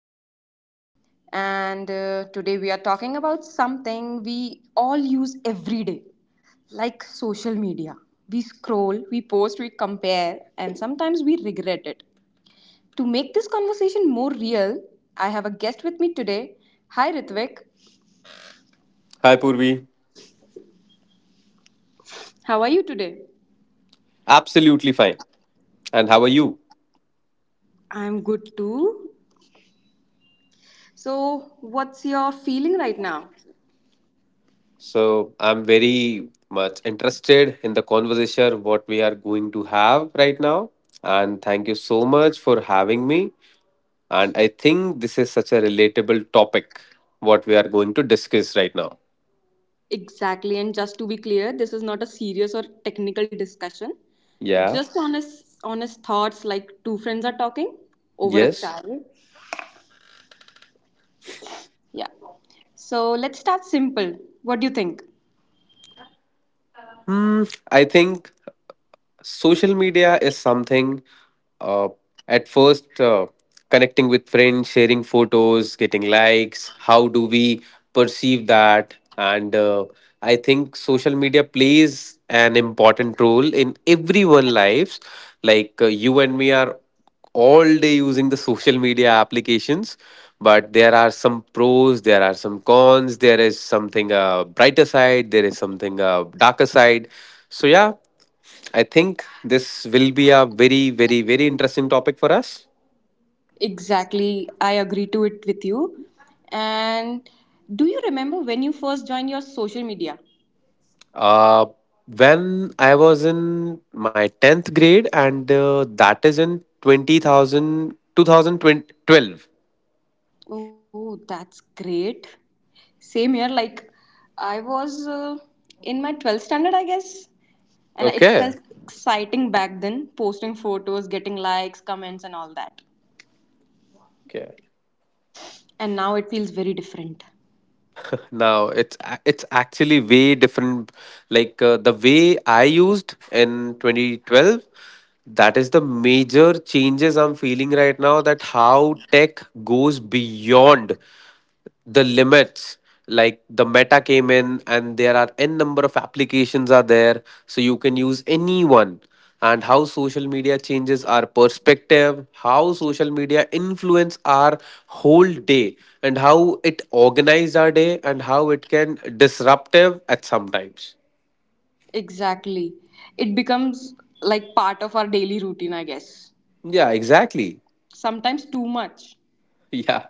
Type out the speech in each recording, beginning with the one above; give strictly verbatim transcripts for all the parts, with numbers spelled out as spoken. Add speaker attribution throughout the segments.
Speaker 1: name is Purvi, and uh, today we are talking about something we all use every day, like social media. We scroll, we post, we compare, and sometimes we regret it. To make this conversation more real, I have a guest with me today. Hi, Ritvik.
Speaker 2: Hi, Purvi.
Speaker 1: How are you today?
Speaker 2: Absolutely fine. And how are you?
Speaker 1: I'm good too. So, what's your feeling right now?
Speaker 2: So, I'm very much interested in the conversation what we are going to have right now. And thank you so much for having me. And I think this is such a relatable topic what we are going to discuss right now.
Speaker 1: Exactly. And just to be clear, this is not a serious or technical discussion.
Speaker 2: Yeah.
Speaker 1: Just honest honest thoughts like two friends are talking over a
Speaker 2: Yes.
Speaker 1: chat. Yeah. So let's start simple. What do you think?
Speaker 2: Hmm. I think social media is something, uh, at first, uh, connecting with friends, sharing photos, getting likes, how do we perceive that? And uh, I think social media plays an important role in everyone lives, like, uh, you and me are all day using the social media applications. But there are some pros, there are some cons, there is something uh, brighter side, there is something uh, darker side. So yeah, I think this will be a very, very, very interesting topic for us.
Speaker 1: Exactly. I agree to it with you. And do you remember when you first joined your social media?
Speaker 2: Uh, when I was in my tenth grade, and uh, that is in twenty thousand, two thousand twelve.
Speaker 1: Oh, that's great. Same here. Like, I was uh, in my twelfth standard, I guess. And it felt
Speaker 2: Okay.
Speaker 1: exciting back then, posting photos, getting likes, comments, and all that.
Speaker 2: Okay.
Speaker 1: And now it feels very different.
Speaker 2: Now it's a- it's actually way different. Like, uh, the way I used in twenty twelve, that is the major changes I'm feeling right now. That how tech goes beyond the limits, like the meta came in and there are n number of applications are there, so you can use any one. And how social media changes our perspective, how social media influence our whole day, and how it organize our day, and how it can disruptive at sometimes.
Speaker 1: Exactly. It becomes like part of our daily routine, I guess.
Speaker 2: Yeah, exactly.
Speaker 1: Sometimes too much.
Speaker 2: Yeah.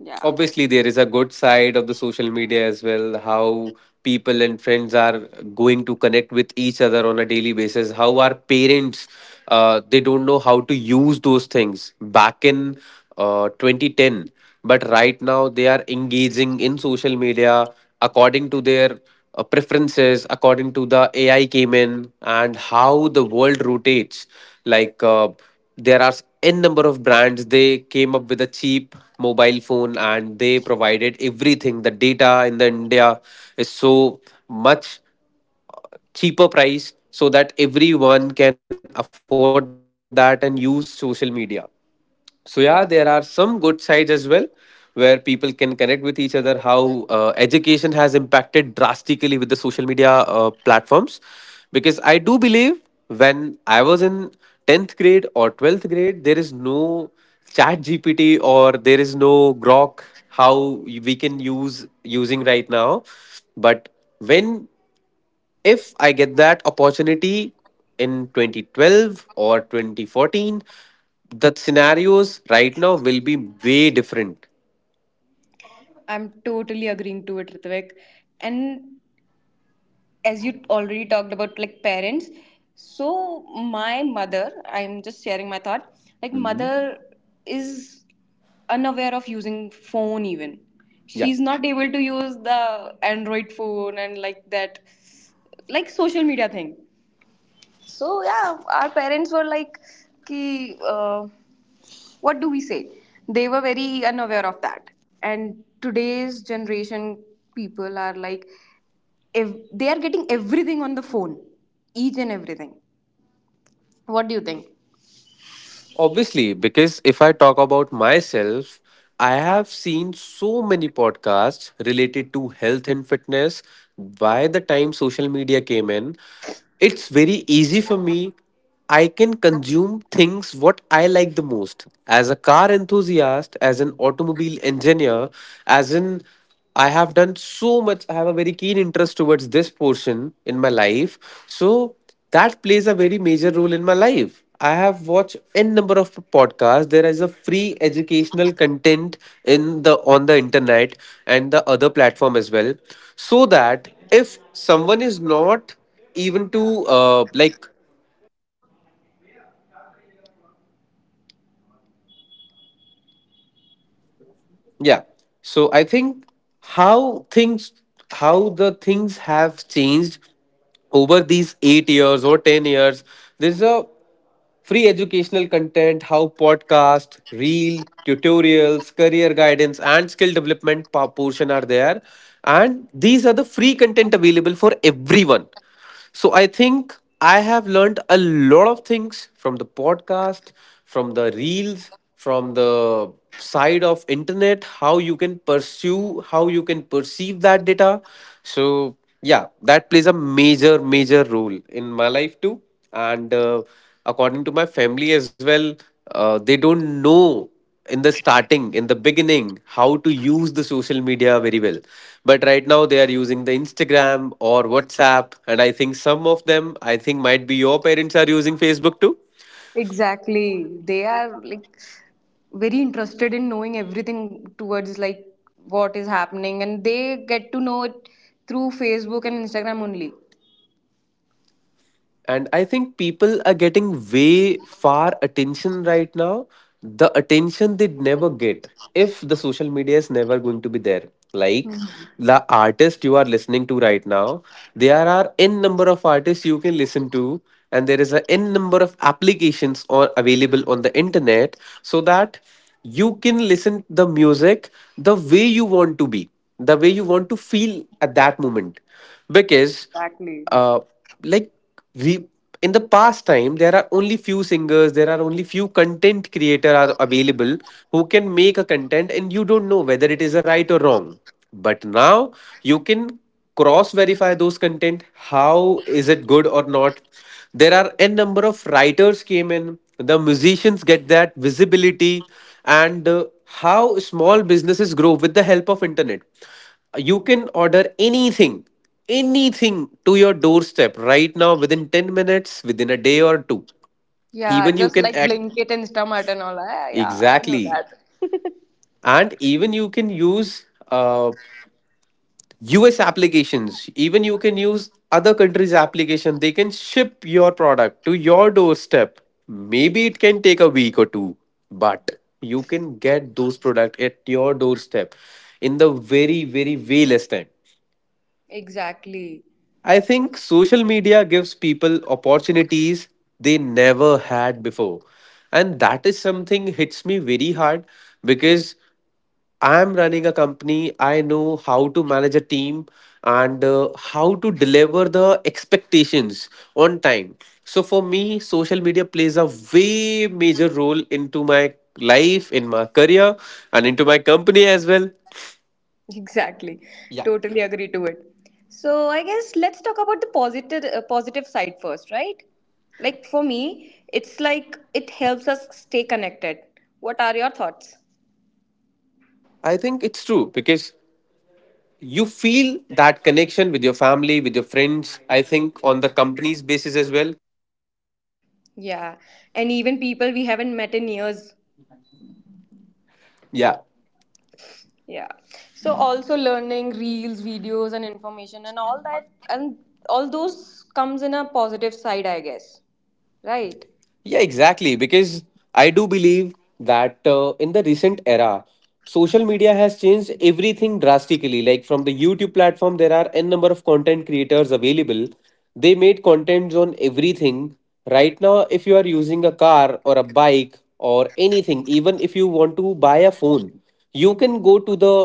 Speaker 1: Yeah.
Speaker 2: Obviously, there is a good side of the social media as well. How people and friends are going to connect with each other on a daily basis, how our parents, uh, they don't know how to use those things back in, uh, twenty ten. But right now, they are engaging in social media according to their, uh, preferences, according to the A I came in and how the world rotates. Like, uh, there are n number of brands, they came up with a cheap mobile phone, and they provided everything. The data in the india is so much cheaper price, so that everyone can afford that and use social media. So yeah, there are some good sides as well where people can connect with each other. How uh, education has impacted drastically with the social media uh, platforms, because I do believe when I was in tenth grade or twelfth grade, there is no Chat G P T or there is no Grok how we can use using right now, but when if I get that opportunity in twenty twelve or twenty fourteen, the scenarios right now will be way different.
Speaker 1: I'm totally agreeing to it, Ritvik. And as you already talked about like parents, so my mother, I'm just sharing my thought, like
Speaker 2: Mhm.
Speaker 1: mother is unaware of using phone even,
Speaker 2: Yeah.
Speaker 1: she's not able to use the Android phone and like that, like social media thing. So yeah, our parents were like, "Ki, uh, what do we say?" They were very unaware of that. And today's generation people are like, if they are getting everything on the phone, each and everything. What do you think?
Speaker 2: Obviously, because if I talk about myself, I have seen so many podcasts related to health and fitness. By the time social media came in, it's very easy for me. I can consume things what I like the most. As a car enthusiast, as an automobile engineer, as an, I have done so much. I have a very keen interest towards this portion in my life. So that plays a very major role in my life. I have watched n number of podcasts. There is a free educational content in the on the internet and the other platform as well. So that if someone is not even to uh, like. Yeah. So I think how things, how the things have changed over these eight years or ten years, there's a free educational content, how podcast, reel tutorials, career guidance and skill development pa- portion are there, and these are the free content available for everyone. So I think I have learned a lot of things from the podcast, from the reels, from the side of internet, how you can pursue, how you can perceive that data. So yeah, that plays a major, major role in my life too. And uh, according to my family as well, uh, they don't know in the starting in the beginning how to use the social media very well, but right now they are using the instagram or whatsapp, and I think some of them, I think might be your parents are using facebook too.
Speaker 1: Exactly, they are like very interested in knowing everything towards like what is happening, and they get to know it through Facebook and Instagram only.
Speaker 2: And I think people are getting way far attention right now, the attention they'd never get if the social media is never going to be there. Like, the artist you are listening to right now, there are n number of artists you can listen to, and there is a n number of applications or available on the internet, so that you can listen the music the way you want to be, the way you want to feel at that moment. Because,
Speaker 1: Exactly.
Speaker 2: uh, like, we in the past time there are only few singers, there are only few content creator are available who can make a content, and you don't know whether it is a right or wrong. But now you can cross verify those content, how is it good or not. There are n number of writers came in, the musicians get that visibility. And uh, how small businesses grow with the help of internet. You can order anything, anything to your doorstep right now, within ten minutes, within a day or two.
Speaker 1: Yeah,
Speaker 2: Even you
Speaker 1: just
Speaker 2: can
Speaker 1: like
Speaker 2: act,
Speaker 1: Blinkit, Instamart, and all. I, yeah, I know
Speaker 2: exactly,
Speaker 1: that.
Speaker 2: and even you can use, uh, us applications, even you can use other countries application, they can ship your product to your doorstep, maybe it can take a week or two, but you can get those product at your doorstep in the very very way less time.
Speaker 1: Exactly.
Speaker 2: I think social media gives people opportunities they never had before. And that is something hits me very hard, because I am running a company. I know how to manage a team and uh, how to deliver the expectations on time. So for me, social media plays a way major role into my life, in my career, and into my company as well.
Speaker 1: Exactly.
Speaker 2: Yeah.
Speaker 1: Totally agree to it. So I guess let's talk about the positive uh, positive side first, right? Like for me, it's like it helps us stay connected. What are your thoughts?
Speaker 2: I think it's true because you feel that connection with your family, with your friends, I think on the company's basis as well.
Speaker 1: Yeah. And even people we haven't met in years.
Speaker 2: Yeah.
Speaker 1: Yeah. So also learning reels, videos and information and all that, and all those comes in a positive side, I guess. Right?
Speaker 2: Yeah, exactly, because I do believe that, uh, in the recent era, social media has changed everything drastically. Like from the youtube platform, there are n number of content creators available, they made contents on everything. Right now, if you are using a car or a bike or anything, even if you want to buy a phone, you can go to the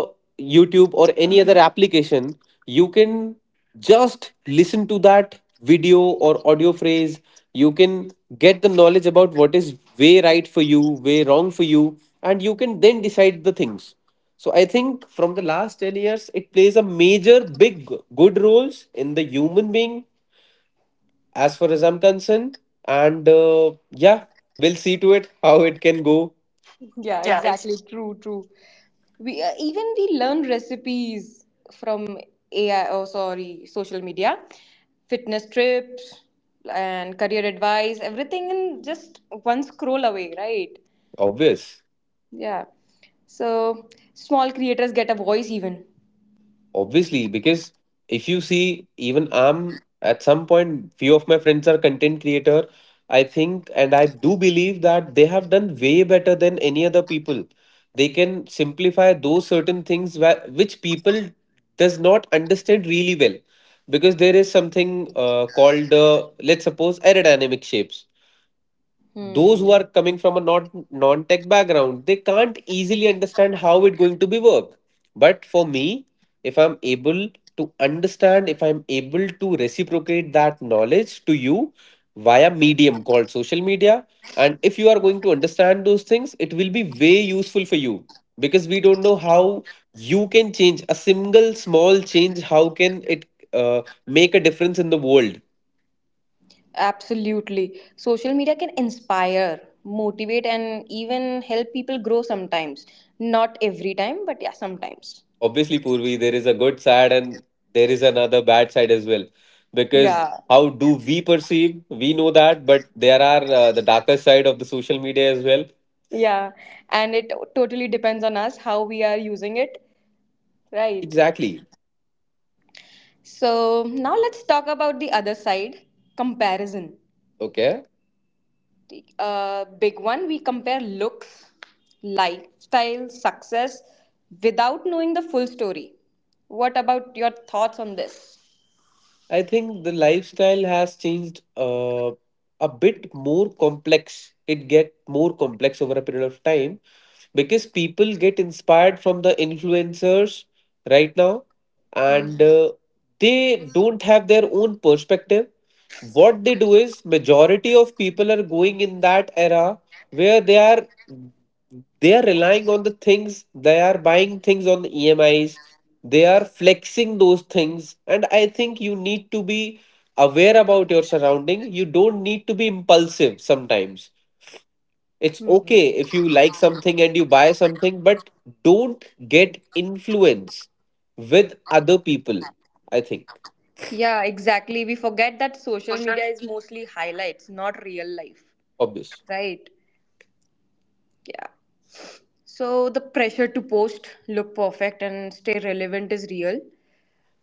Speaker 2: YouTube or any other application, you can just listen to that video or audio phrase. You can get the knowledge about what is way right for you, way wrong for you, and you can then decide the things. So I think from the last ten years, it plays a major, big, good roles in the human being as far as I'm concerned. And uh, yeah, we'll see to it how it can go.
Speaker 1: Yeah, exactly. True, true. We uh, even we learn recipes from A I. Oh, sorry, social media, fitness tips, and career advice. Everything in just one scroll away, right?
Speaker 2: Obvious.
Speaker 1: Yeah. So small creators get a voice even.
Speaker 2: Obviously, because if you see, even I'm at some point, few of my friends are content creator. I think and I do believe that they have done way better than any other people. They can simplify those certain things wha- which people does not understand really well, because there is something uh, called, uh, let's suppose, aerodynamic shapes. Those
Speaker 1: Hmm.
Speaker 2: who are coming from a not non-tech background, they can't easily understand how it's going to be work. But for me, if I'm able to understand, if I'm able to reciprocate that knowledge to you via medium called social media, and if you are going to understand those things, it will be way useful for you. Because we don't know how you can change a single small change, how can it, uh, make a difference in the world.
Speaker 1: Absolutely. Social media can inspire, motivate, and even help people grow sometimes. Not every time, but yeah, sometimes.
Speaker 2: Obviously, Purvi, there is a good side and there is another bad side as well. Because
Speaker 1: Yeah.
Speaker 2: how do we perceive? We know that, but there are, uh, the darker side of the social media as well.
Speaker 1: Yeah, and it totally depends on us how we are using it, right?
Speaker 2: Exactly.
Speaker 1: So now let's talk about the other side: comparison.
Speaker 2: Okay.
Speaker 1: The uh, big one, we compare looks, lifestyle, success without knowing the full story. What about your thoughts on this?
Speaker 2: I think the lifestyle has changed, uh, a bit more complex. It get more complex over a period of time, because people get inspired from the influencers right now,
Speaker 1: Hmm.
Speaker 2: and uh, they don't have their own perspective. What they do is majority of people are going in that era where they are they are relying on the things, they are buying things on the EMIs, they are flexing those things. And I think you need to be aware about your surrounding. You don't need to be impulsive sometimes. It's
Speaker 1: Hmm.
Speaker 2: okay if you like something and you buy something, but don't get influence with other people, I think.
Speaker 1: Yeah, exactly. We forget that social media is mostly highlights, not real life,
Speaker 2: Obvious.
Speaker 1: right? Yeah. So the pressure to post, look perfect, and stay relevant is real,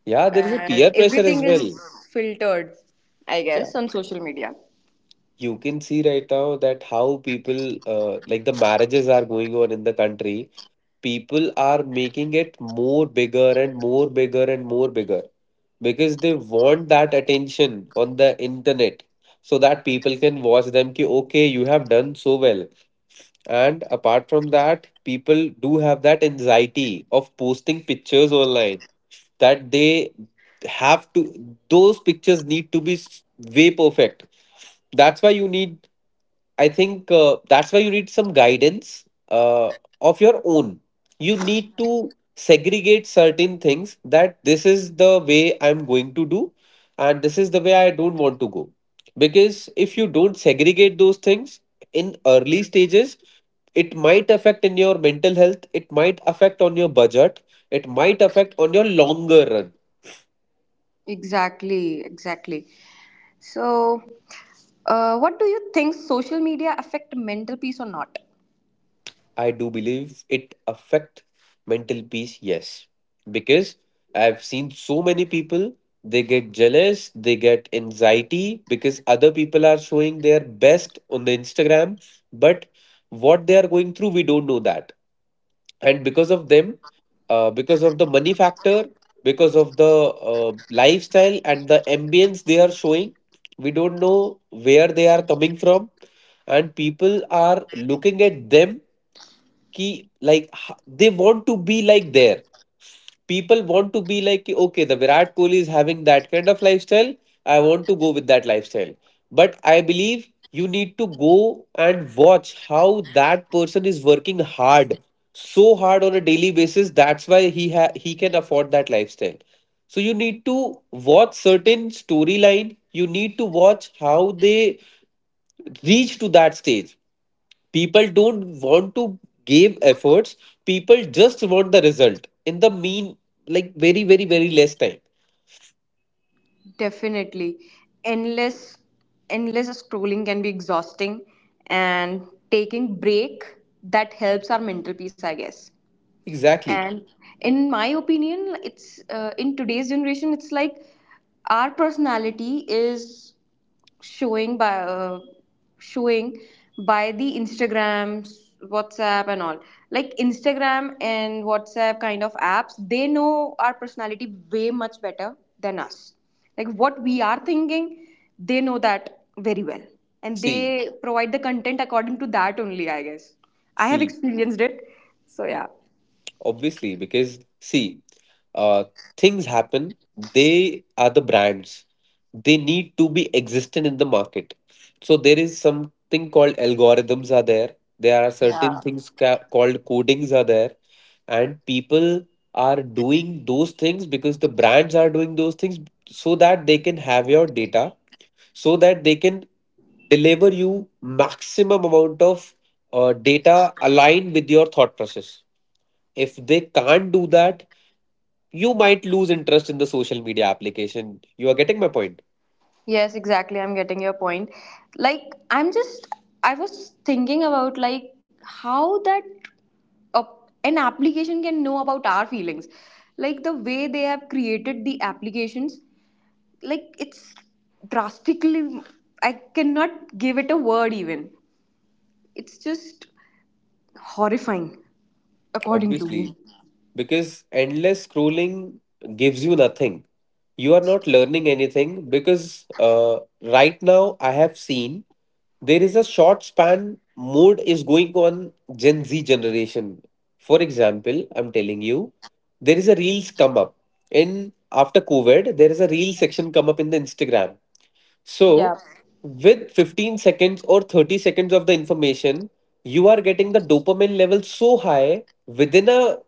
Speaker 2: Yeah, there is a
Speaker 1: and
Speaker 2: peer pressure
Speaker 1: everything
Speaker 2: as
Speaker 1: is
Speaker 2: well.
Speaker 1: filtered, I
Speaker 2: Yeah,
Speaker 1: guess, on social media.
Speaker 2: you can see right now that how people uh, like the marriages are going on in the country. People are making it more bigger and more bigger and more bigger because they want that attention on the internet, so that people can watch them, ki okay, you have done so well. And apart from that, people do have that anxiety of posting pictures online, that they have to, those pictures need to be s- way perfect. That's why you need, I think uh, that's why you need some guidance uh, of your own. You need to segregate certain things that this is the way I'm going to do, and this is the way I don't want to go. Because if you don't segregate those things in early stages, it might affect in your mental health, it might affect on your budget, it might affect on your longer run.
Speaker 1: Exactly, exactly. So, uh, what do you think? Social media affect mental peace or not?
Speaker 2: I do believe it affect mental peace, yes. Because I've seen so many people, they get jealous, they get anxiety because other people are showing their best on the Instagram, but what they are going through, we don't know that. And because of them, uh, because of the money factor, because of the uh, lifestyle and the ambience they are showing, we don't know where they are coming from. And people are looking at them कि, like h- they want to be like there. People want to be like कि, okay, the Virat Kohli is having that kind of lifestyle, I want to go with that lifestyle. But I believe you need to go and watch how that person is working hard, so hard on a daily basis, that's why he ha- he can afford that lifestyle. So you need to watch certain storyline, you need to watch how they reach to that stage. People don't want to give efforts. People just want the result in the mean, like very, very, very less time.
Speaker 1: Definitely, endless, endless scrolling can be exhausting, and taking break, that helps our mental peace, I guess.
Speaker 2: Exactly.
Speaker 1: And in my opinion, it's uh, in today's generation, it's like our personality is showing by uh, showing by the Instagrams, WhatsApp and all. Like Instagram and WhatsApp kind of apps, they know our personality way much better than us. Like what we are thinking, they know that very well, and
Speaker 2: See,
Speaker 1: they provide the content according to that only, I guess. I have
Speaker 2: see.
Speaker 1: experienced it, so yeah.
Speaker 2: Obviously, because see, uh, things happen. They are the brands. They need to be existent in the market. So there is something called algorithms are there. There are certain things ca- called codings are there, and people are doing those things because the brands are doing those things, so that they can have your data, so that they can deliver you maximum amount of uh, data aligned with your thought process. If they can't do that, you might lose interest in the social media application. You are getting my point,
Speaker 1: Yes, exactly. I'm getting your point. Like, I'm just, I was thinking about, like, how that a, an application can know about our feelings. Like the way they have created the applications, like it's drastically, I cannot give it a word even. It's just horrifying, according to
Speaker 2: obviously,
Speaker 1: me.
Speaker 2: because endless scrolling gives you nothing. You are not learning anything, because uh, right now I have seen there is a short span mode is going on Gen Z generation. For example, I'm telling you, there is a reels come up in after COVID. There is a reel section come up in the Instagram. So,
Speaker 1: Yeah.
Speaker 2: with fifteen seconds or thirty seconds of the information, you are getting the dopamine level so high within a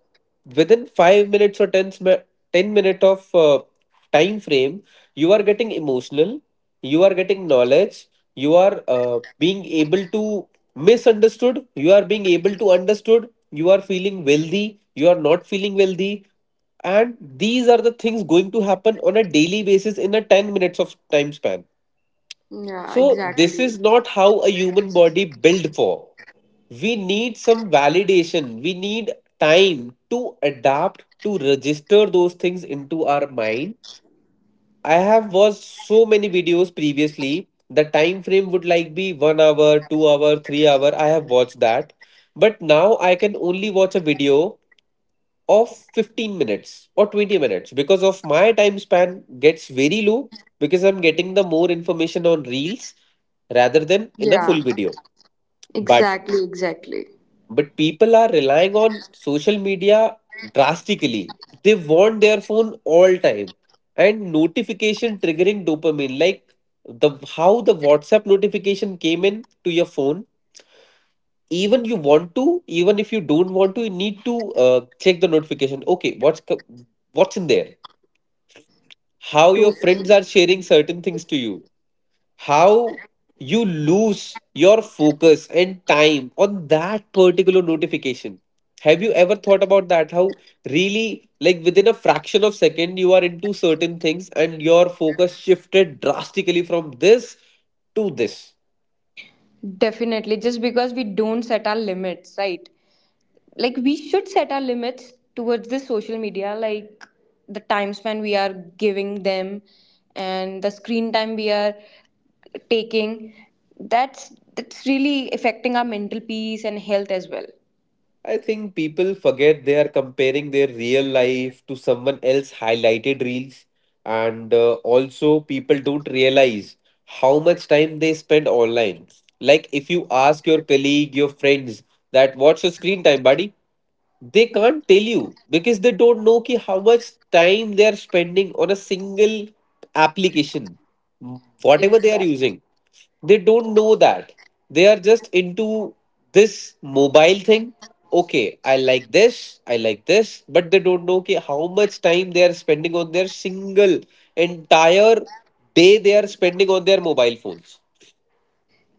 Speaker 2: within five minutes or ten sm- ten minute of uh, time frame, you are getting emotional, you are getting knowledge, you are uh, being able to misunderstood, you are being able to understood, you are feeling wealthy, you are not feeling wealthy, and these are the things going to happen on a daily basis in a ten minutes of time span.
Speaker 1: Yeah,
Speaker 2: So this
Speaker 1: exactly.
Speaker 2: is not how a human body built for. We need some validation. We need time to adapt to register those things into our mind. I have watched so many videos previously. The time frame would like be one hour, two hour, three hour. I have watched that. But now I can only watch a video of fifteen minutes or twenty minutes because of my time span gets very low, because I'm getting the more information on reels rather than in a
Speaker 1: Yeah,
Speaker 2: full video. But
Speaker 1: exactly, exactly.
Speaker 2: but people are relying on social media drastically. They want their phone all time, and notification triggering dopamine like, the how the WhatsApp notification came in to your phone, even you want to, even if you don't want to, you need to uh, check the notification, okay what's co- what's in there, how your friends are sharing certain things to you, how you lose your focus and time on that particular notification. Have you ever thought about that? How really, like within a fraction of second, you are into certain things and your focus shifted drastically from this to this.
Speaker 1: Definitely, just because we don't set our limits, right? Like, we should set our limits towards the social media, like the time span we are giving them and the screen time we are taking. That's that's really affecting our mental peace and health as well.
Speaker 2: I think people forget they are comparing their real life to someone else highlighted reels, and uh, also people don't realize how much time they spend online. Like if you ask your colleague, your friends, that what's your screen time buddy? They can't tell you, because they don't know ki how much time they are spending on a single application, whatever they are
Speaker 1: Exactly.
Speaker 2: using. They don't know that. They are just into this mobile thing, okay I like this, I like this, but they don't know ki how much time they are spending on their single entire day, they are spending on their mobile phones.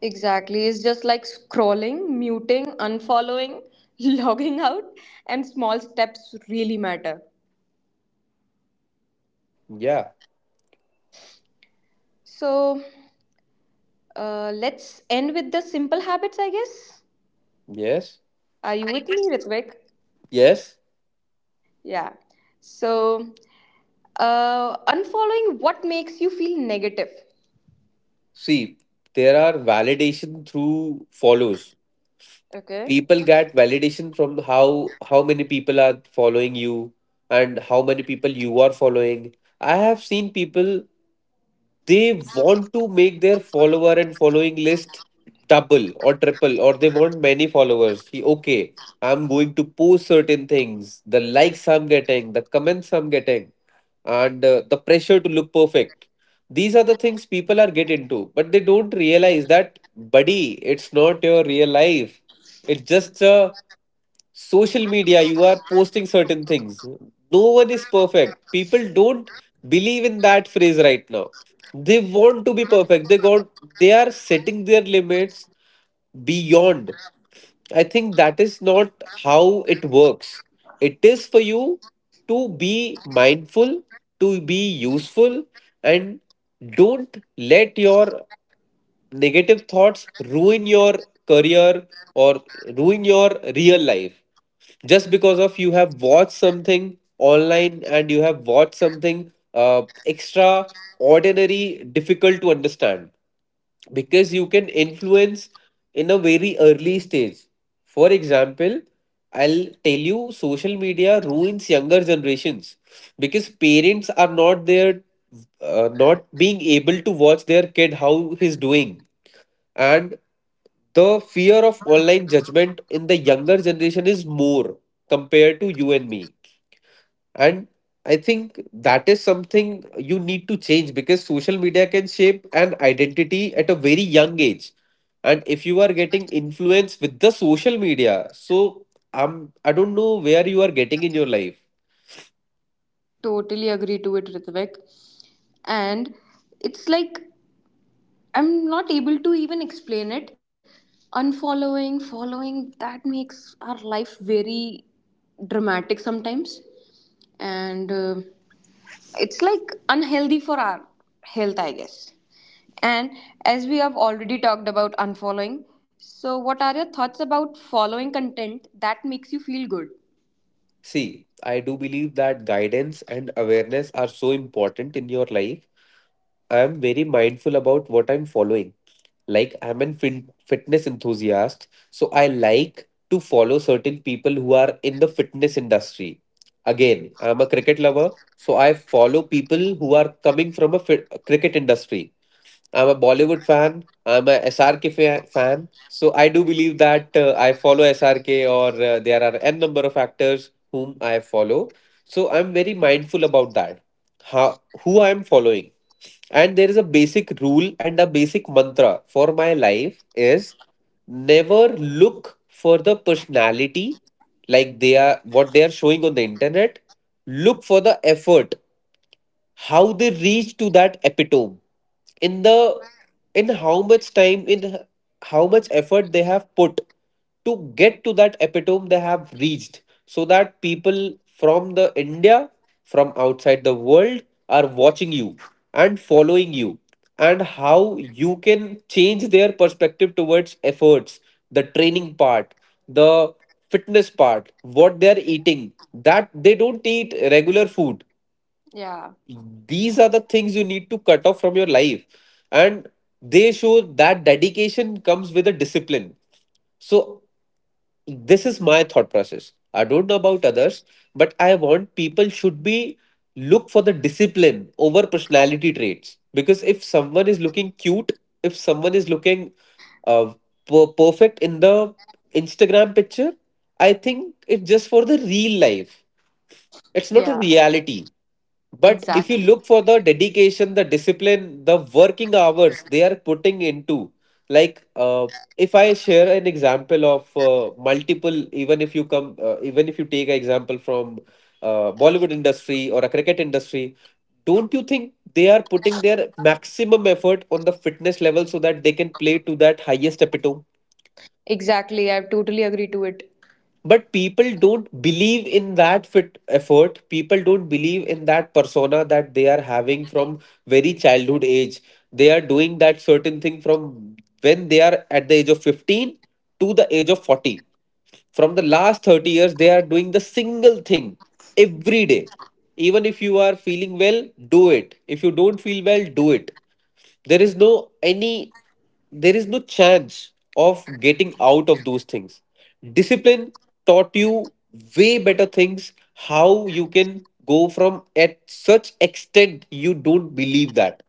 Speaker 1: Exactly. It's just like scrolling, muting, unfollowing, logging out, and small steps really matter.
Speaker 2: Yeah.
Speaker 1: So, Uh, let's end with the simple habits, I guess.
Speaker 2: Yes.
Speaker 1: Are you with me, Ritvik?
Speaker 2: Yes.
Speaker 1: Yeah. So, uh, unfollowing what makes you feel negative.
Speaker 2: See, there are validation through follows.
Speaker 1: Okay.
Speaker 2: People get validation from how how many people are following you and how many people you are following. I have seen people, they want to make their follower and following list double or triple, or they want many followers, ki okay, I'm going to post certain things, the likes I'm getting, the comments I'm getting, and uh, the pressure to look perfect, these are the things people are get into. But they don't realize that buddy, it's not your real life, it's just a social media, you are posting certain things. No one is perfect. People don't believe in that phrase right now. They want to be perfect. They got, they are setting their limits beyond. I think that is not how it works. It is for you to be mindful, to be useful, and don't let your negative thoughts ruin your career or ruin your real life. Just because of you have watched something online, and you have watched something uh, extraordinary, difficult to understand, because you can influence in a very early stage. For example, I'll tell you, social media ruins younger generations because parents are not there, uh, not being able to watch their kid how he's doing. And the fear of online judgment in the younger generation is more compared to you and me. And I think that is something you need to change, because social media can shape an identity at a very young age. And if you are getting influence with the social media, so I'm, I don't know where you are getting in your life.
Speaker 1: Totally agree to it, Ritvik. And it's like I'm not able to even explain it. Unfollowing, following, that makes our life very dramatic sometimes. And uh, it's like unhealthy for our health, I guess. And as we have already talked about unfollowing, so what are your thoughts about following content that makes you feel good?
Speaker 2: See, I do believe that guidance and awareness are so important in your life. I am very mindful about what I'm following. Like I'm a fin- fitness enthusiast, so I like to follow certain people who are in the fitness industry. Again, I'm a cricket lover, so I follow people who are coming from a fit- cricket industry. I'm a Bollywood fan. I'm a S R K fa- fan. So I do believe that uh, I follow S R K, or uh, there are n number of actors whom I follow. So I'm very mindful about that. How, who I'm following. And there is a basic rule and a basic mantra for my life is, never look for the personality, like they are what they are showing on the internet. Look for the effort, how they reach to that epitome, in the, in how much time, in h- how much effort they have put to get to that epitome they have reached, so that people from the India, from outside the world, are watching you and following you, and how you can change their perspective towards efforts, the training part, the fitness part, what they are eating, that they don't eat regular food,
Speaker 1: Yeah,
Speaker 2: these are the things you need to cut off from your life. And they show that dedication comes with a discipline. So this is my thought process. I don't know about others, but I want people should be, look for the discipline over personality traits. Because if someone is looking cute, if someone is looking uh, per- perfect in the Instagram picture, I think it's just for the real life, it's not a
Speaker 1: yeah,
Speaker 2: reality. But if you
Speaker 1: exactly.
Speaker 2: look for the dedication, the discipline, the working hours they are putting into, like uh, if I share an example of uh, multiple, even if you come, uh, even if you take an example from uh, Bollywood industry or a cricket industry, don't you think they are putting their maximum effort on the fitness level so that they can play to that highest epitome?
Speaker 1: Exactly, I totally agree to it.
Speaker 2: But people don't believe in that fit effort, people don't believe in that persona that they are having from very childhood age. They are doing that certain thing from when they are at the age of fifteen to the age of forty. From the last thirty years they are doing the single thing every day. Even if you are feeling well, do it. If you don't feel well, do it. There is no any, there is no chance of getting out of those things. Discipline taught you way better things, how you can go from at such extent you don't believe that.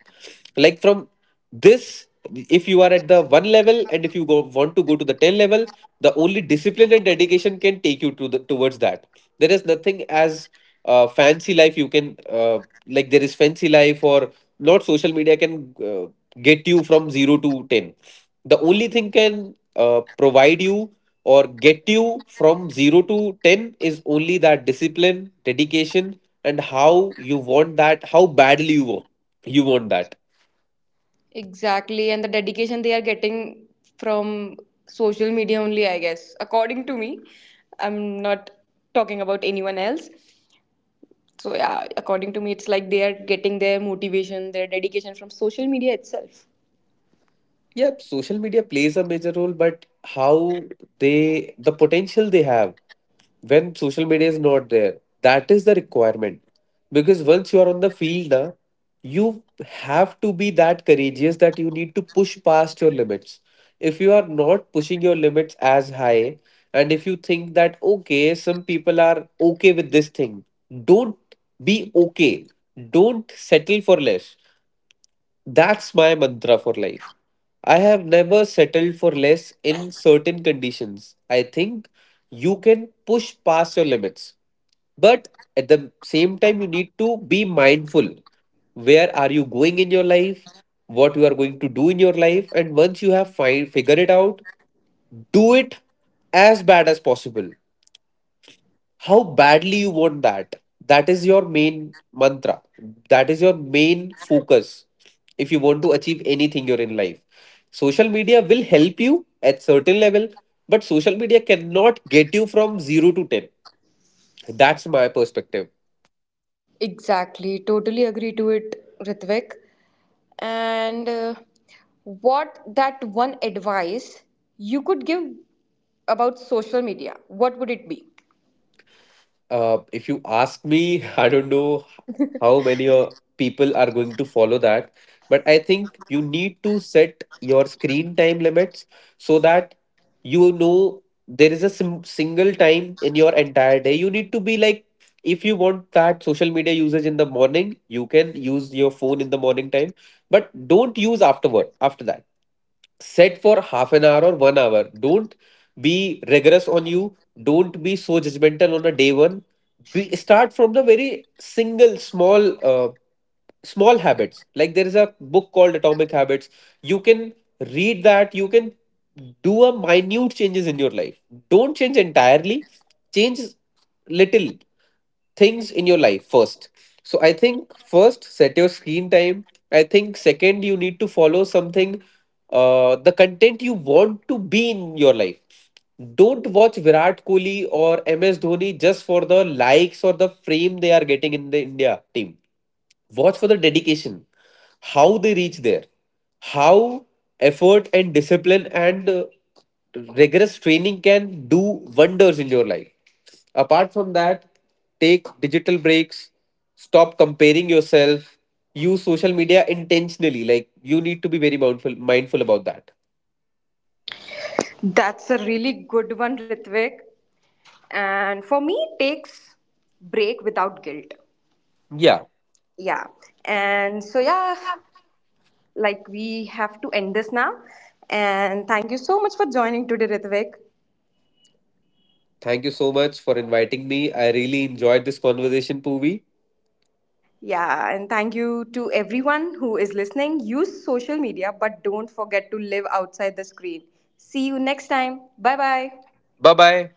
Speaker 2: Like from this, if you are at the one level and if you go want to go to the ten level, the only discipline and dedication can take you to the towards that. There is nothing as uh, fancy life, you can uh, like there is fancy life or not, social media can uh, get you from zero to ten. The only thing can uh, provide you or get you from zero to ten is only that discipline dedication, and how you want that, how badly you wa- you want that.
Speaker 1: Exactly, and the dedication they are getting from social media only, I guess. According to me, I'm not talking about anyone else. So, yeah, according to me, it's like they are getting their motivation, their dedication from social media itself.
Speaker 2: Yep, social media plays a major role, but how they, the potential they have when social media is not there, that is the requirement. Because once you are on the field, na, you have to be that courageous that you need to push past your limits. If you are not pushing your limits as high, and if you think that, okay, some people are okay with this thing, don't be okay. Don't settle for less. That's my mantra for life. I have never settled for less in certain conditions. I think you can push past your limits, but at the same time, you need to be mindful. Where are you going in your life? What you are going to do in your life? And once you have find figure it out, do it as bad as possible, how badly you want that, that is your main mantra, that is your main focus. If you want to achieve anything you're in life, social media will help you at certain level, but social media cannot get you from zero to ten. That's my perspective.
Speaker 1: Exactly, totally agree to it, Ritvik. And uh, what that one advice you could give about social media, what would it be?
Speaker 2: Uh, if you ask me, I don't know how many uh, people are going to follow that, but I think you need to set your screen time limits, so that you know there is a sim- single time in your entire day. You need to be like, if you want that social media usage in the morning, you can use your phone in the morning time, but don't use afterward after that. Set for half an hour or one hour. Don't be rigorous on you. Don't be so judgmental on a day one. Be, start from the very single small uh, small habits. Like there is a book called Atomic Habits. You can read that. You can do a minute changes in your life. Don't change entirely. Change little things in your life first. So I think first set your screen time. I think second you need to follow something, uh the content you want to be in your life. Don't watch Virat Kohli or M S Dhoni just for the likes or the fame they are getting in the India team. Watch for the dedication, how they reach there, how effort and discipline and uh, rigorous training can do wonders in your life. Apart from that, take digital breaks, stop comparing yourself, use social media intentionally. Like you need to be very mindful mindful about that.
Speaker 1: That's a really good one, Ritvik. And for me, it takes break without guilt.
Speaker 2: Yeah.
Speaker 1: Yeah. And so yeah, like we have to end this now. And thank you so much for joining today, Ritvik.
Speaker 2: Thank you so much for inviting me. I really enjoyed this conversation, Poovi.
Speaker 1: Yeah, and thank you to everyone who is listening. Use social media but don't forget to live outside the screen. See you next time. Bye bye.
Speaker 2: Bye bye.